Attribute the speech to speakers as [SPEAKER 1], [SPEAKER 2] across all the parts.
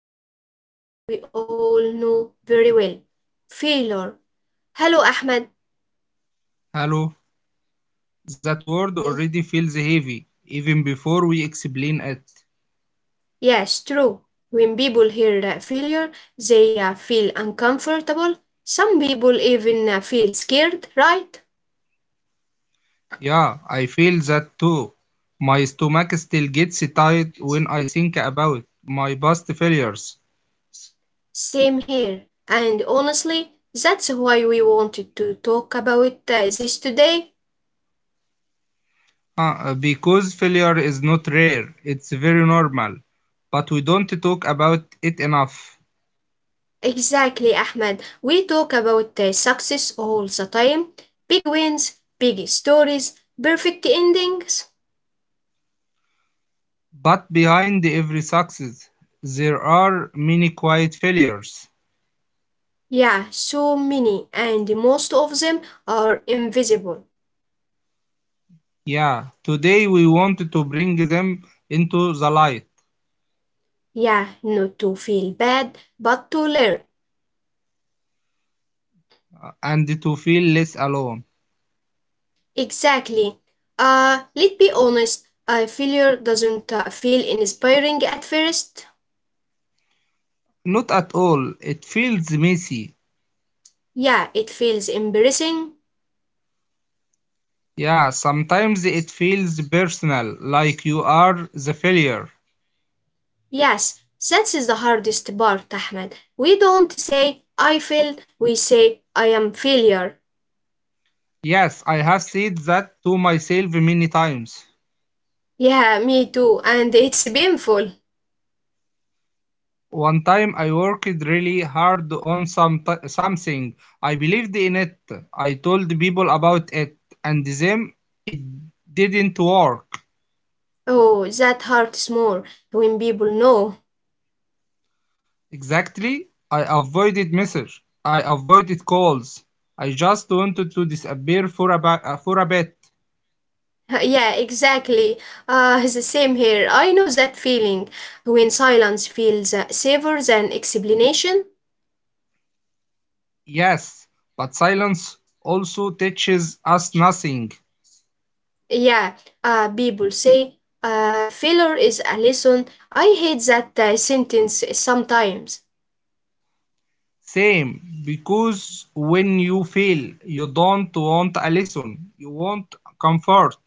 [SPEAKER 1] talking about something we all know very well: failure. Hello Ahmed.
[SPEAKER 2] Hello. That word
[SPEAKER 1] Hmm,
[SPEAKER 2] already feels heavy, even before we explain it.
[SPEAKER 1] yes, true. When people hear that failure, they feel uncomfortable. Some people even feel scared, right?
[SPEAKER 2] Yeah, I feel that too. My stomach still gets tight when I think about my past failures.
[SPEAKER 1] Same here. And honestly, that's why we wanted to talk about this today.
[SPEAKER 2] Because failure is not rare, it's very normal. But we don't talk about it enough.
[SPEAKER 1] Exactly, Ahmed. We talk about the success all the time: big wins, big stories, perfect endings.
[SPEAKER 2] But behind every success, there are many quiet failures.
[SPEAKER 1] Yeah, so many, and most of them are invisible.
[SPEAKER 2] Yeah, today we want to bring them into the light.
[SPEAKER 1] Yeah, not to feel bad, but to learn.
[SPEAKER 2] And to feel less alone.
[SPEAKER 1] Exactly. Let's be honest, failure doesn't feel inspiring at first.
[SPEAKER 2] Not at all. It feels messy.
[SPEAKER 1] Yeah, it feels embarrassing.
[SPEAKER 2] Yeah, sometimes it feels personal, like you are the failure.
[SPEAKER 1] Yes, that is the hardest part, Ahmed. We don't say I failed." we say I am failure.
[SPEAKER 2] Yes, I have said that to myself many times.
[SPEAKER 1] Yeah, me too, and it's painful.
[SPEAKER 2] One time I worked really hard on something. I believed in it. I told people about it, and them it didn't work.
[SPEAKER 1] Oh, that hurts more when people know.
[SPEAKER 2] Exactly. I avoided messages. I avoided calls. I just wanted to disappear for for a bit.
[SPEAKER 1] Yeah, exactly. The same here. I know that feeling when silence feels safer than explanation.
[SPEAKER 2] Yes, but silence also teaches us nothing.
[SPEAKER 1] Yeah, people say failure is a lesson. I hate that sentence sometimes.
[SPEAKER 2] Same, because when you fail, you don't want a lesson. You want comfort.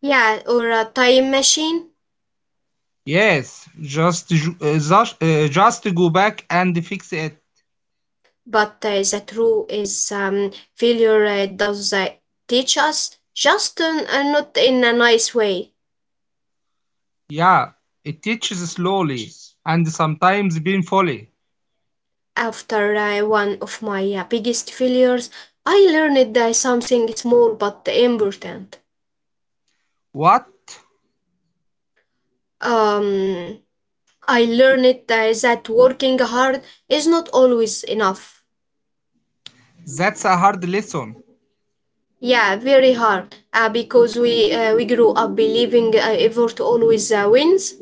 [SPEAKER 1] Yeah, or a time machine.
[SPEAKER 2] Yes, just go back and fix it.
[SPEAKER 1] But the true is failure does teach us just not in a nice way.
[SPEAKER 2] Yeah, it teaches slowly and sometimes painfully.
[SPEAKER 1] After one of my biggest failures, I learned something small but important.
[SPEAKER 2] What?
[SPEAKER 1] Um, i learned that working hard is not always enough.
[SPEAKER 2] That's a hard lesson,
[SPEAKER 1] Yeah, very hard because we grew up believing effort always wins.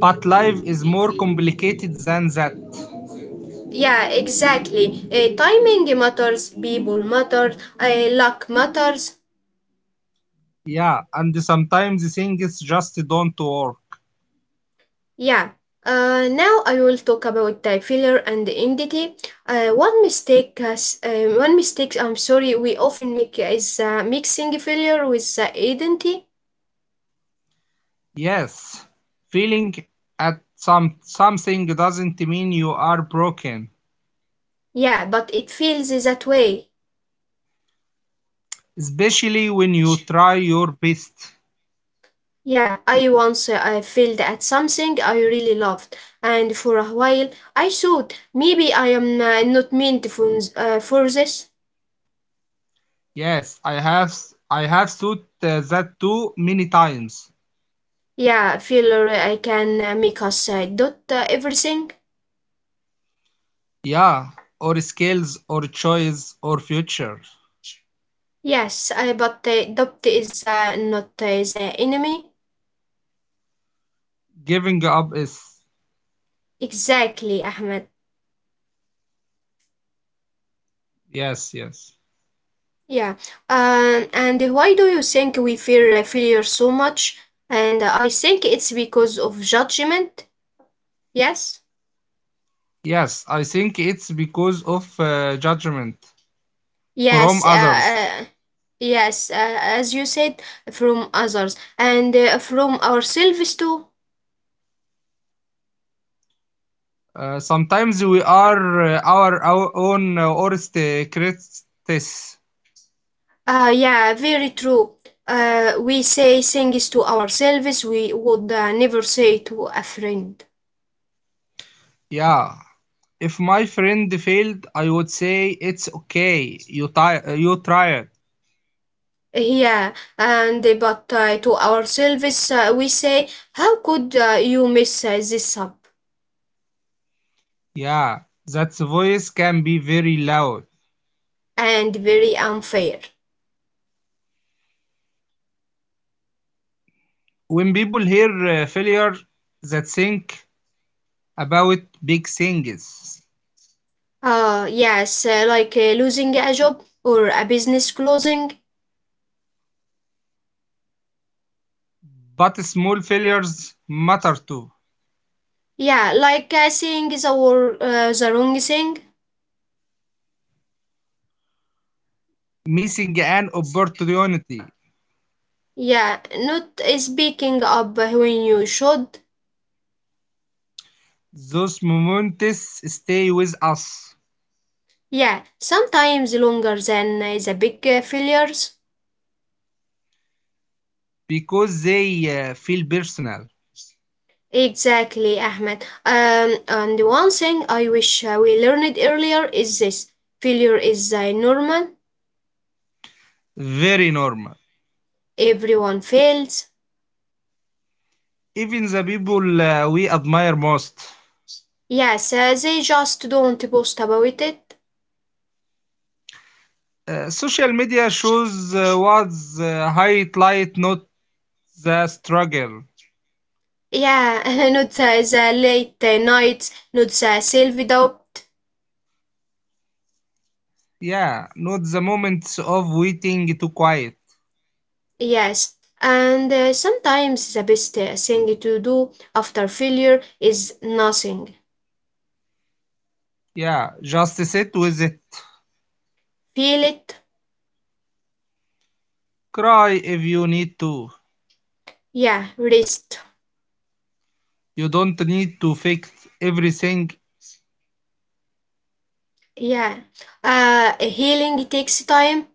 [SPEAKER 2] but life is more complicated than that.
[SPEAKER 1] Yeah, exactly. Timing matters, people matter, luck matters.
[SPEAKER 2] Yeah, and sometimes things just don't work.
[SPEAKER 1] Yeah. Now I will talk about failure and identity. One mistake, I'm sorry, we often make is mixing failure with identity.
[SPEAKER 2] Yes, feeling at something doesn't mean you are broken,
[SPEAKER 1] Yeah, but it feels that way.
[SPEAKER 2] especially when you try your best.
[SPEAKER 1] Yeah, I once I failed at something I really loved, and for a while I thought maybe I am not meant for this.
[SPEAKER 2] Yes, I have thought that too many times.
[SPEAKER 1] Yeah, failure I can make us doubt everything.
[SPEAKER 2] Yeah, or skills or choice or future.
[SPEAKER 1] Yes, but doubt is not the enemy.
[SPEAKER 2] Giving up is
[SPEAKER 1] Exactly, Ahmed.
[SPEAKER 2] yes, yes.
[SPEAKER 1] Yeah. And why do you think we fear failure so much? And I think it's because of judgment. Yes.
[SPEAKER 2] Yes, I think it's because of judgment from
[SPEAKER 1] Yes.
[SPEAKER 2] others.
[SPEAKER 1] Yes. As you said, from others and from ourselves too.
[SPEAKER 2] Sometimes we are our own worst critics.
[SPEAKER 1] Yeah, very true. We say things to ourselves we would never say to a friend.
[SPEAKER 2] Yeah. If my friend failed, I would say it's okay. You try it.
[SPEAKER 1] Yeah, and but to ourselves we say, "How could you mess this up?"
[SPEAKER 2] Yeah. That voice can be very loud.
[SPEAKER 1] And very unfair.
[SPEAKER 2] When people hear failure, they think about big things,
[SPEAKER 1] Yes, like losing a job or a business closing.
[SPEAKER 2] but small failures matter too.
[SPEAKER 1] Yeah, like saying the wrong thing.
[SPEAKER 2] Missing an opportunity.
[SPEAKER 1] Yeah, not speaking up when you should.
[SPEAKER 2] Those moments stay with us
[SPEAKER 1] Yeah, sometimes longer than the big failures.
[SPEAKER 2] because they feel personal,
[SPEAKER 1] Exactly, Ahmed. And one thing I wish we learned earlier is this: failure is normal,
[SPEAKER 2] very normal.
[SPEAKER 1] everyone fails.
[SPEAKER 2] Even the people we admire most.
[SPEAKER 1] Yes, they just don't boast about it.
[SPEAKER 2] Social media shows what's highlight, not the struggle.
[SPEAKER 1] Yeah, not the late nights, not the self doubt.
[SPEAKER 2] Yeah, not the moments of waiting to quiet.
[SPEAKER 1] Yes, and sometimes the best thing to do after failure is nothing.
[SPEAKER 2] Yeah, just sit with it.
[SPEAKER 1] Feel it.
[SPEAKER 2] Cry if you need to.
[SPEAKER 1] Yeah, rest.
[SPEAKER 2] You don't need to fix everything.
[SPEAKER 1] Yeah, healing takes time,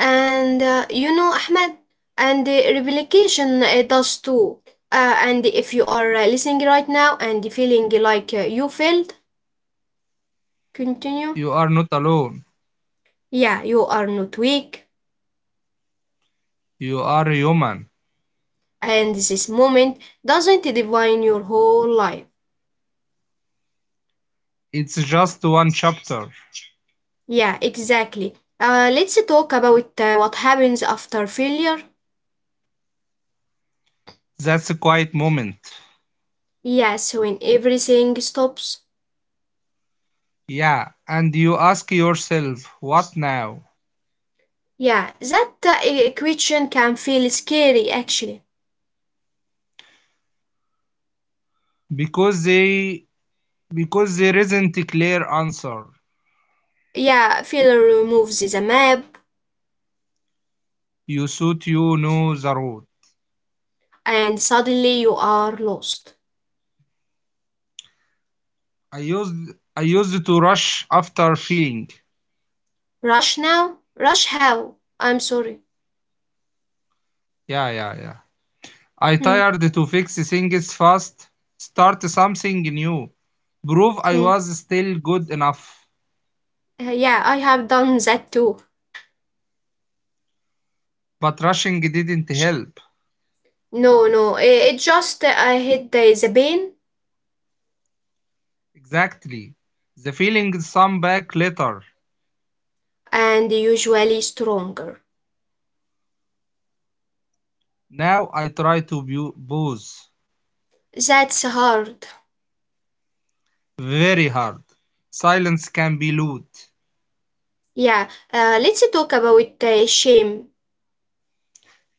[SPEAKER 1] and you know, Ahmed, and the replication it does too. And if you are listening right now and feeling like you failed, continue.
[SPEAKER 2] You are not alone.
[SPEAKER 1] Yeah, you are not weak,
[SPEAKER 2] You are human.
[SPEAKER 1] and this moment doesn't define your whole life.
[SPEAKER 2] It's just one chapter.
[SPEAKER 1] Yeah, exactly. Let's talk about what happens after failure.
[SPEAKER 2] That's a quiet moment.
[SPEAKER 1] Yes, when everything stops.
[SPEAKER 2] Yeah, and you ask yourself, what now?
[SPEAKER 1] Yeah, that question can feel scary actually.
[SPEAKER 2] Because they because there isn't a clear answer.
[SPEAKER 1] Yeah, failure removes the map
[SPEAKER 2] You thought you know the road.
[SPEAKER 1] and suddenly you are lost.
[SPEAKER 2] I used to rush after feeling.
[SPEAKER 1] Rush now? Rush how? I'm sorry.
[SPEAKER 2] Yeah, yeah, yeah. I
[SPEAKER 1] Hmm,
[SPEAKER 2] tired to fix things fast, start something new, prove I
[SPEAKER 1] hmm.
[SPEAKER 2] was still good enough.
[SPEAKER 1] Yeah, I have done that too.
[SPEAKER 2] But rushing didn't help.
[SPEAKER 1] No, no, it just I hit the pain,
[SPEAKER 2] Exactly. The feeling some back later.
[SPEAKER 1] and usually stronger.
[SPEAKER 2] Now I try to bu-
[SPEAKER 1] That's hard.
[SPEAKER 2] very hard. Silence can be loud.
[SPEAKER 1] Yeah, let's talk about shame.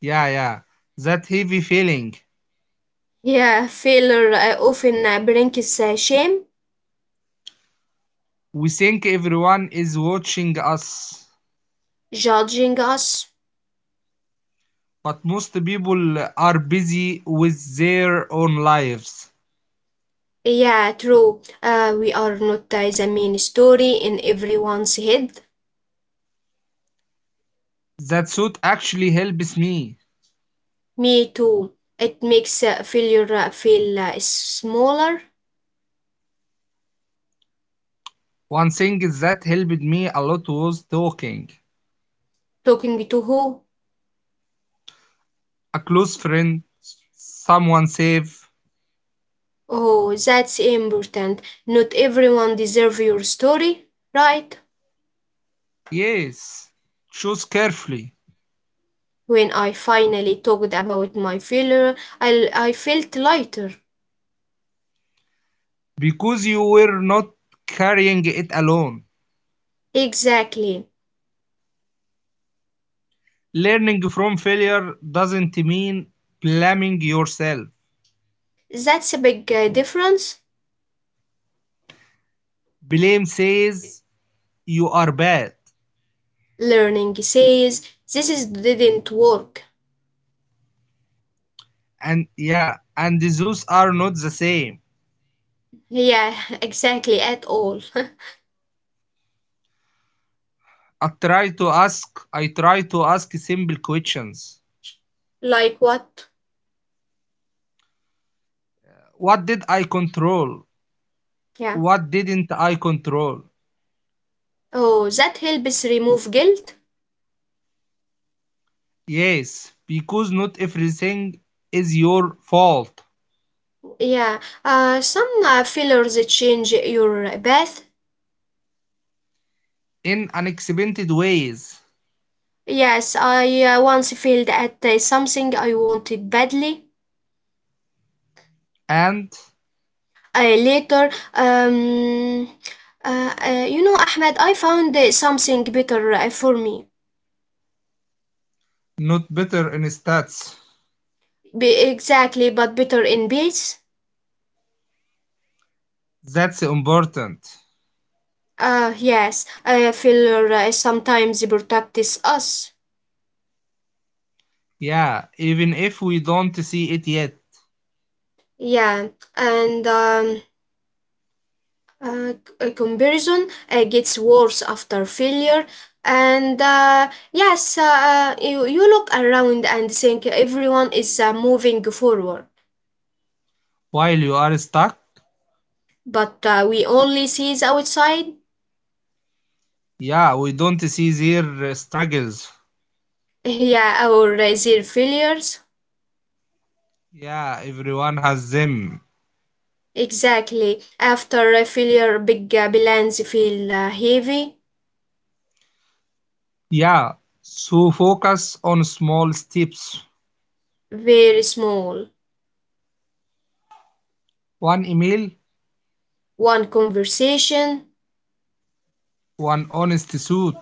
[SPEAKER 2] Yeah, yeah. That heavy feeling.
[SPEAKER 1] Yeah, failure often brings shame,
[SPEAKER 2] We think everyone is watching us,
[SPEAKER 1] judging us.
[SPEAKER 2] but most people are busy with their own lives.
[SPEAKER 1] Yeah, true. We are not the main story in everyone's head.
[SPEAKER 2] That suit actually helps me.
[SPEAKER 1] Me too. It makes failure feel smaller.
[SPEAKER 2] One thing that helped me a lot was talking.
[SPEAKER 1] Talking to who?
[SPEAKER 2] A close friend, someone safe.
[SPEAKER 1] Oh, that's important. Not everyone deserves your story, right?
[SPEAKER 2] Yes, choose carefully.
[SPEAKER 1] When I finally talked about my failure, I felt lighter.
[SPEAKER 2] Because you were not carrying it alone.
[SPEAKER 1] Exactly.
[SPEAKER 2] Learning from failure doesn't mean blaming yourself.
[SPEAKER 1] That's a big difference.
[SPEAKER 2] Blame says you are bad.
[SPEAKER 1] Learning says this is, didn't work.
[SPEAKER 2] And yeah, and those are not the same.
[SPEAKER 1] Yeah, exactly, at all.
[SPEAKER 2] I try to ask simple questions.
[SPEAKER 1] Like what?
[SPEAKER 2] What did I control?
[SPEAKER 1] Yeah.
[SPEAKER 2] What didn't I control?
[SPEAKER 1] Oh, that helps remove guilt.
[SPEAKER 2] Yes, because not everything is your fault
[SPEAKER 1] Yeah. Some fillers change your bath.
[SPEAKER 2] in unexpected ways.
[SPEAKER 1] Yes, I once failed at something I wanted badly.
[SPEAKER 2] And
[SPEAKER 1] Later, you know, Ahmed, I found something better for me.
[SPEAKER 2] not better in stats.
[SPEAKER 1] Exactly, but better in base.
[SPEAKER 2] That's important.
[SPEAKER 1] Yes, filler sometimes protects us.
[SPEAKER 2] Yeah, even if we don't see it yet.
[SPEAKER 1] Yeah, and um, uh, c- comparison gets worse after failure, and you look around and think everyone is moving forward,
[SPEAKER 2] While you are stuck,
[SPEAKER 1] but we only see the outside.
[SPEAKER 2] yeah, we don't see their struggles.
[SPEAKER 1] yeah our their failures.
[SPEAKER 2] Yeah, everyone has them.
[SPEAKER 1] Exactly, after a failure big balance feel heavy.
[SPEAKER 2] Yeah, so focus on small steps.
[SPEAKER 1] Very small,
[SPEAKER 2] One email,
[SPEAKER 1] one conversation.
[SPEAKER 2] one honest suit.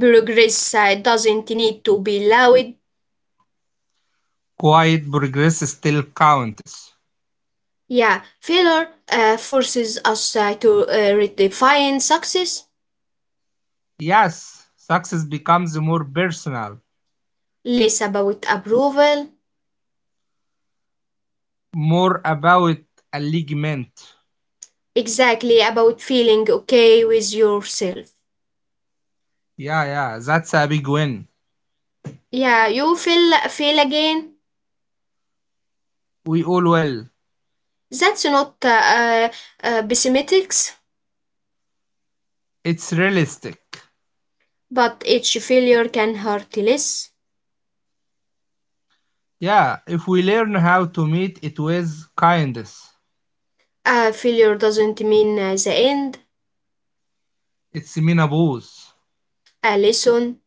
[SPEAKER 1] Progress doesn't need to be loud.
[SPEAKER 2] Quiet progress still counts.
[SPEAKER 1] Yeah, failure forces us to redefine success,
[SPEAKER 2] Yes, success becomes more personal,
[SPEAKER 1] less about approval,
[SPEAKER 2] more about alignment.
[SPEAKER 1] exactly about feeling okay with yourself.
[SPEAKER 2] Yeah, yeah, that's a big win.
[SPEAKER 1] Yeah, you feel fail again.
[SPEAKER 2] We all will.
[SPEAKER 1] That's not pessimistics,
[SPEAKER 2] It's realistic.
[SPEAKER 1] but each failure can hurt less.
[SPEAKER 2] Yeah, if we learn how to meet it with kindness,
[SPEAKER 1] A failure doesn't mean the end.
[SPEAKER 2] it's meanable.
[SPEAKER 1] A lesson,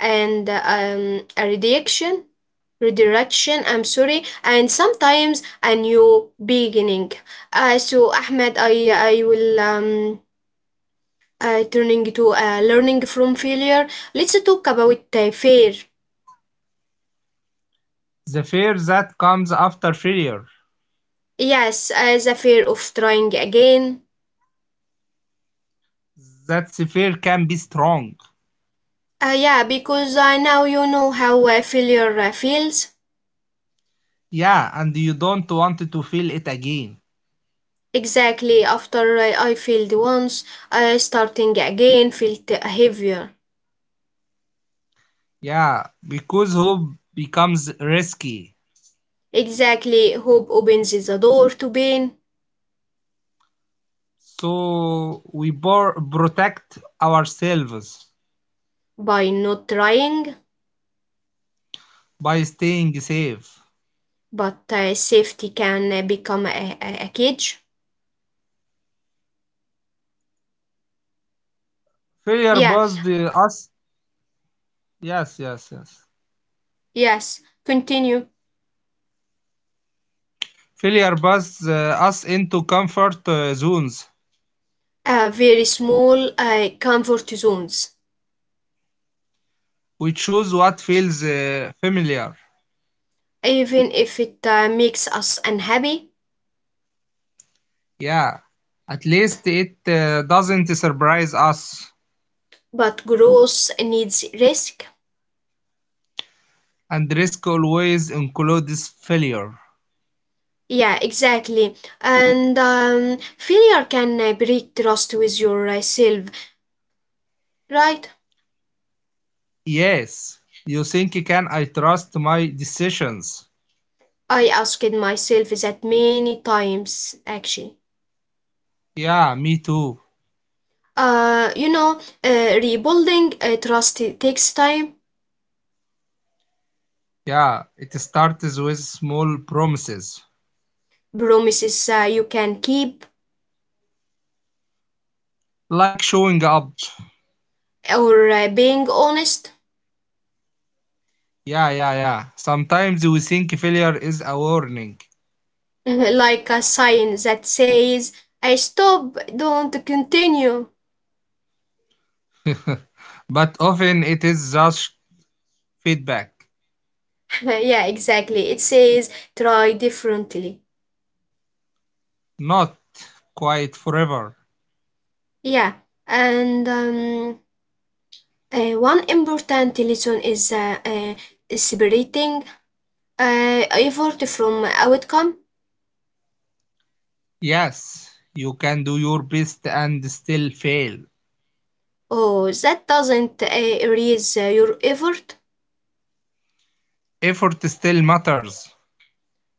[SPEAKER 1] and a redirection, I'm sorry, and sometimes a new beginning. So Ahmed, I will turning to learning from failure, let's talk about fear.
[SPEAKER 2] The fear that comes after failure,
[SPEAKER 1] Yes, as a fear of trying again.
[SPEAKER 2] that fear can be strong.
[SPEAKER 1] Yeah, because now you know how failure feels.
[SPEAKER 2] Yeah, and you don't want to feel it again.
[SPEAKER 1] Exactly, after I failed once, starting again felt heavier.
[SPEAKER 2] Yeah, because hope becomes risky.
[SPEAKER 1] Exactly, hope opens the door to pain,
[SPEAKER 2] So we protect ourselves
[SPEAKER 1] by not trying,
[SPEAKER 2] by staying safe.
[SPEAKER 1] but safety can become a cage.
[SPEAKER 2] Failure
[SPEAKER 1] Yeah,
[SPEAKER 2] buzzed us. Yes, yes, yes.
[SPEAKER 1] yes, continue.
[SPEAKER 2] Failure busts us into comfort zones.
[SPEAKER 1] Very small comfort zones,
[SPEAKER 2] We choose what feels familiar.
[SPEAKER 1] even if it makes us unhappy,
[SPEAKER 2] Yeah, at least it doesn't surprise us.
[SPEAKER 1] but growth needs risk.
[SPEAKER 2] And risk always includes failure.
[SPEAKER 1] Yeah, exactly. And failure can break trust with yourself, right?
[SPEAKER 2] Yes, you think can I trust my decisions?
[SPEAKER 1] I asked myself that many times actually.
[SPEAKER 2] Yeah, me too.
[SPEAKER 1] You know, rebuilding trust, it takes time,
[SPEAKER 2] Yeah, it starts with small promises,
[SPEAKER 1] promises you can keep,
[SPEAKER 2] like showing up.
[SPEAKER 1] or being honest.
[SPEAKER 2] Yeah, yeah, yeah. Sometimes we think failure is a warning,
[SPEAKER 1] Like a sign that says, I stop, don't continue.
[SPEAKER 2] but often it is just feedback.
[SPEAKER 1] Yeah, exactly. It says, try differently.
[SPEAKER 2] Not quite forever.
[SPEAKER 1] Yeah, and one important lesson is separating effort from outcome.
[SPEAKER 2] Yes, you can do your best and still fail.
[SPEAKER 1] Oh, that doesn't erase your effort.
[SPEAKER 2] Effort still matters.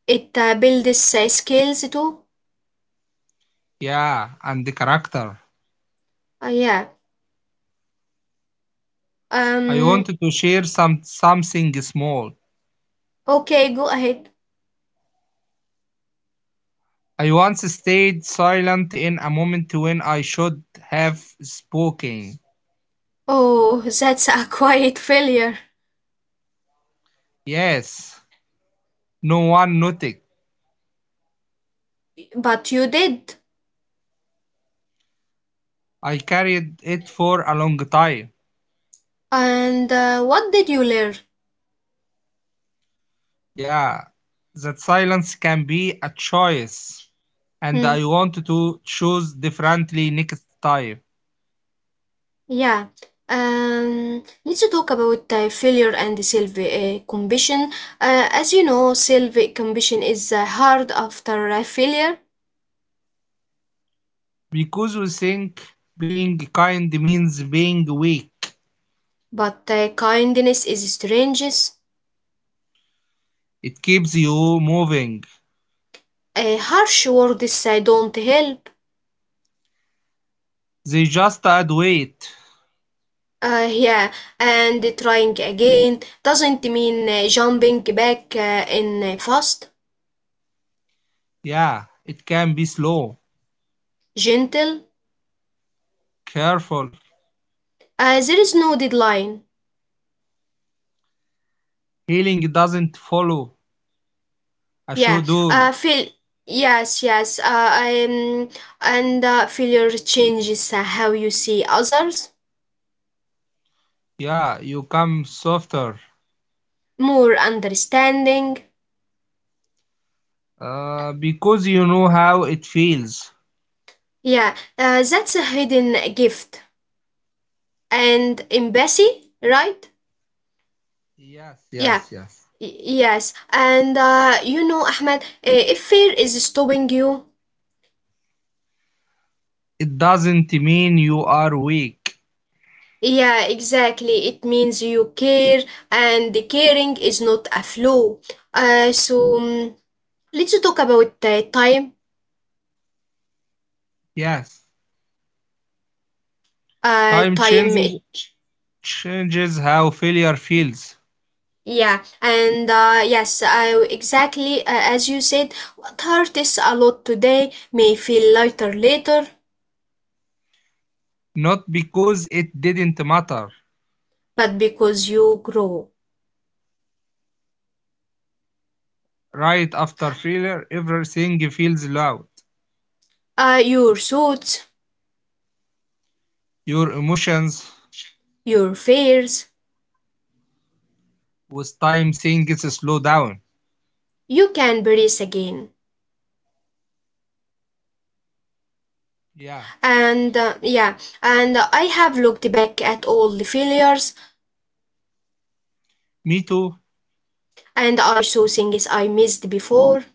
[SPEAKER 1] It builds skills too.
[SPEAKER 2] Yeah, and the character.
[SPEAKER 1] Yeah.
[SPEAKER 2] I
[SPEAKER 1] Um.
[SPEAKER 2] wanted to share something small.
[SPEAKER 1] Okay, go ahead.
[SPEAKER 2] I once stayed silent in a moment when I should have spoken.
[SPEAKER 1] Oh, that's a quiet failure.
[SPEAKER 2] Yes, no one noticed.
[SPEAKER 1] But you did.
[SPEAKER 2] I carried it for a long time.
[SPEAKER 1] And what did you learn?
[SPEAKER 2] Yeah, that silence can be a choice. And
[SPEAKER 1] Hmm.
[SPEAKER 2] I want to choose differently next time
[SPEAKER 1] Yeah. Let's talk about failure and self compassion. As you know, self compassion is hard after failure,
[SPEAKER 2] because we think being kind means being weak.
[SPEAKER 1] but kindness is strange.
[SPEAKER 2] It keeps you moving.
[SPEAKER 1] Harsh words don't help.
[SPEAKER 2] They just add weight.
[SPEAKER 1] Yeah, and trying again doesn't mean jumping back in fast,
[SPEAKER 2] Yeah, it can be slow,
[SPEAKER 1] gentle.
[SPEAKER 2] careful.
[SPEAKER 1] There is no deadline.
[SPEAKER 2] Healing doesn't follow a
[SPEAKER 1] Yeah,
[SPEAKER 2] schedule.
[SPEAKER 1] feel. Yes, yes. And failure changes how you see others,
[SPEAKER 2] Yeah, you come softer
[SPEAKER 1] more understanding.
[SPEAKER 2] because you know how it feels.
[SPEAKER 1] Yeah, that's a hidden gift. And embassy, right?
[SPEAKER 2] Yes,
[SPEAKER 1] Yeah,
[SPEAKER 2] yes, yes.
[SPEAKER 1] yes. And you know, Ahmed, if fear is stopping you,
[SPEAKER 2] It doesn't mean you are weak.
[SPEAKER 1] yeah, exactly. It means you care, and the caring is not a flaw. So let's talk about time.
[SPEAKER 2] Yes,
[SPEAKER 1] Uh,
[SPEAKER 2] time
[SPEAKER 1] time. it-
[SPEAKER 2] changes how failure feels.
[SPEAKER 1] Yeah, and yes, I exactly as you said. What hurts a lot today may feel lighter later,
[SPEAKER 2] Not because it didn't matter.
[SPEAKER 1] but because you grow,
[SPEAKER 2] Right after failure, everything feels loud.
[SPEAKER 1] your thoughts,
[SPEAKER 2] Your emotions
[SPEAKER 1] your fears,
[SPEAKER 2] with time things slow down.
[SPEAKER 1] you can breathe again.
[SPEAKER 2] Yeah,
[SPEAKER 1] And yeah, and I have looked back at all the failures,
[SPEAKER 2] me too.
[SPEAKER 1] and I saw things I missed before.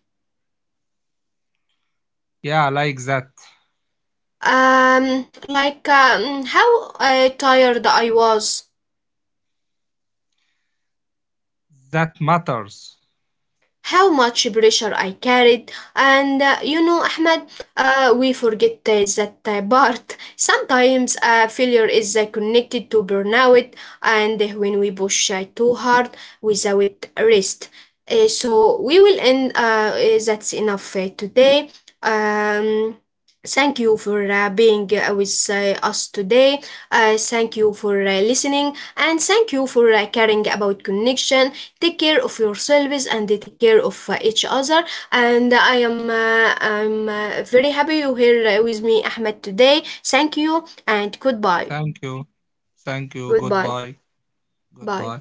[SPEAKER 2] Yeah, like that.
[SPEAKER 1] Like how tired I was,
[SPEAKER 2] That matters.
[SPEAKER 1] how much pressure I carried. And you know, Ahmed, we forget that part. Sometimes failure is connected to burnout, and when we push too hard without rest. So we will end. That's enough today. Um, Thank you for being with us today. Thank you for listening, and thank you for caring about connection. Take care of yourselves and they take care of each other, and I'm very happy you here with me, Ahmed, today. Thank you and goodbye.
[SPEAKER 2] Thank you. Thank you.
[SPEAKER 1] Goodbye.
[SPEAKER 2] Goodbye.
[SPEAKER 1] Bye.
[SPEAKER 2] Goodbye.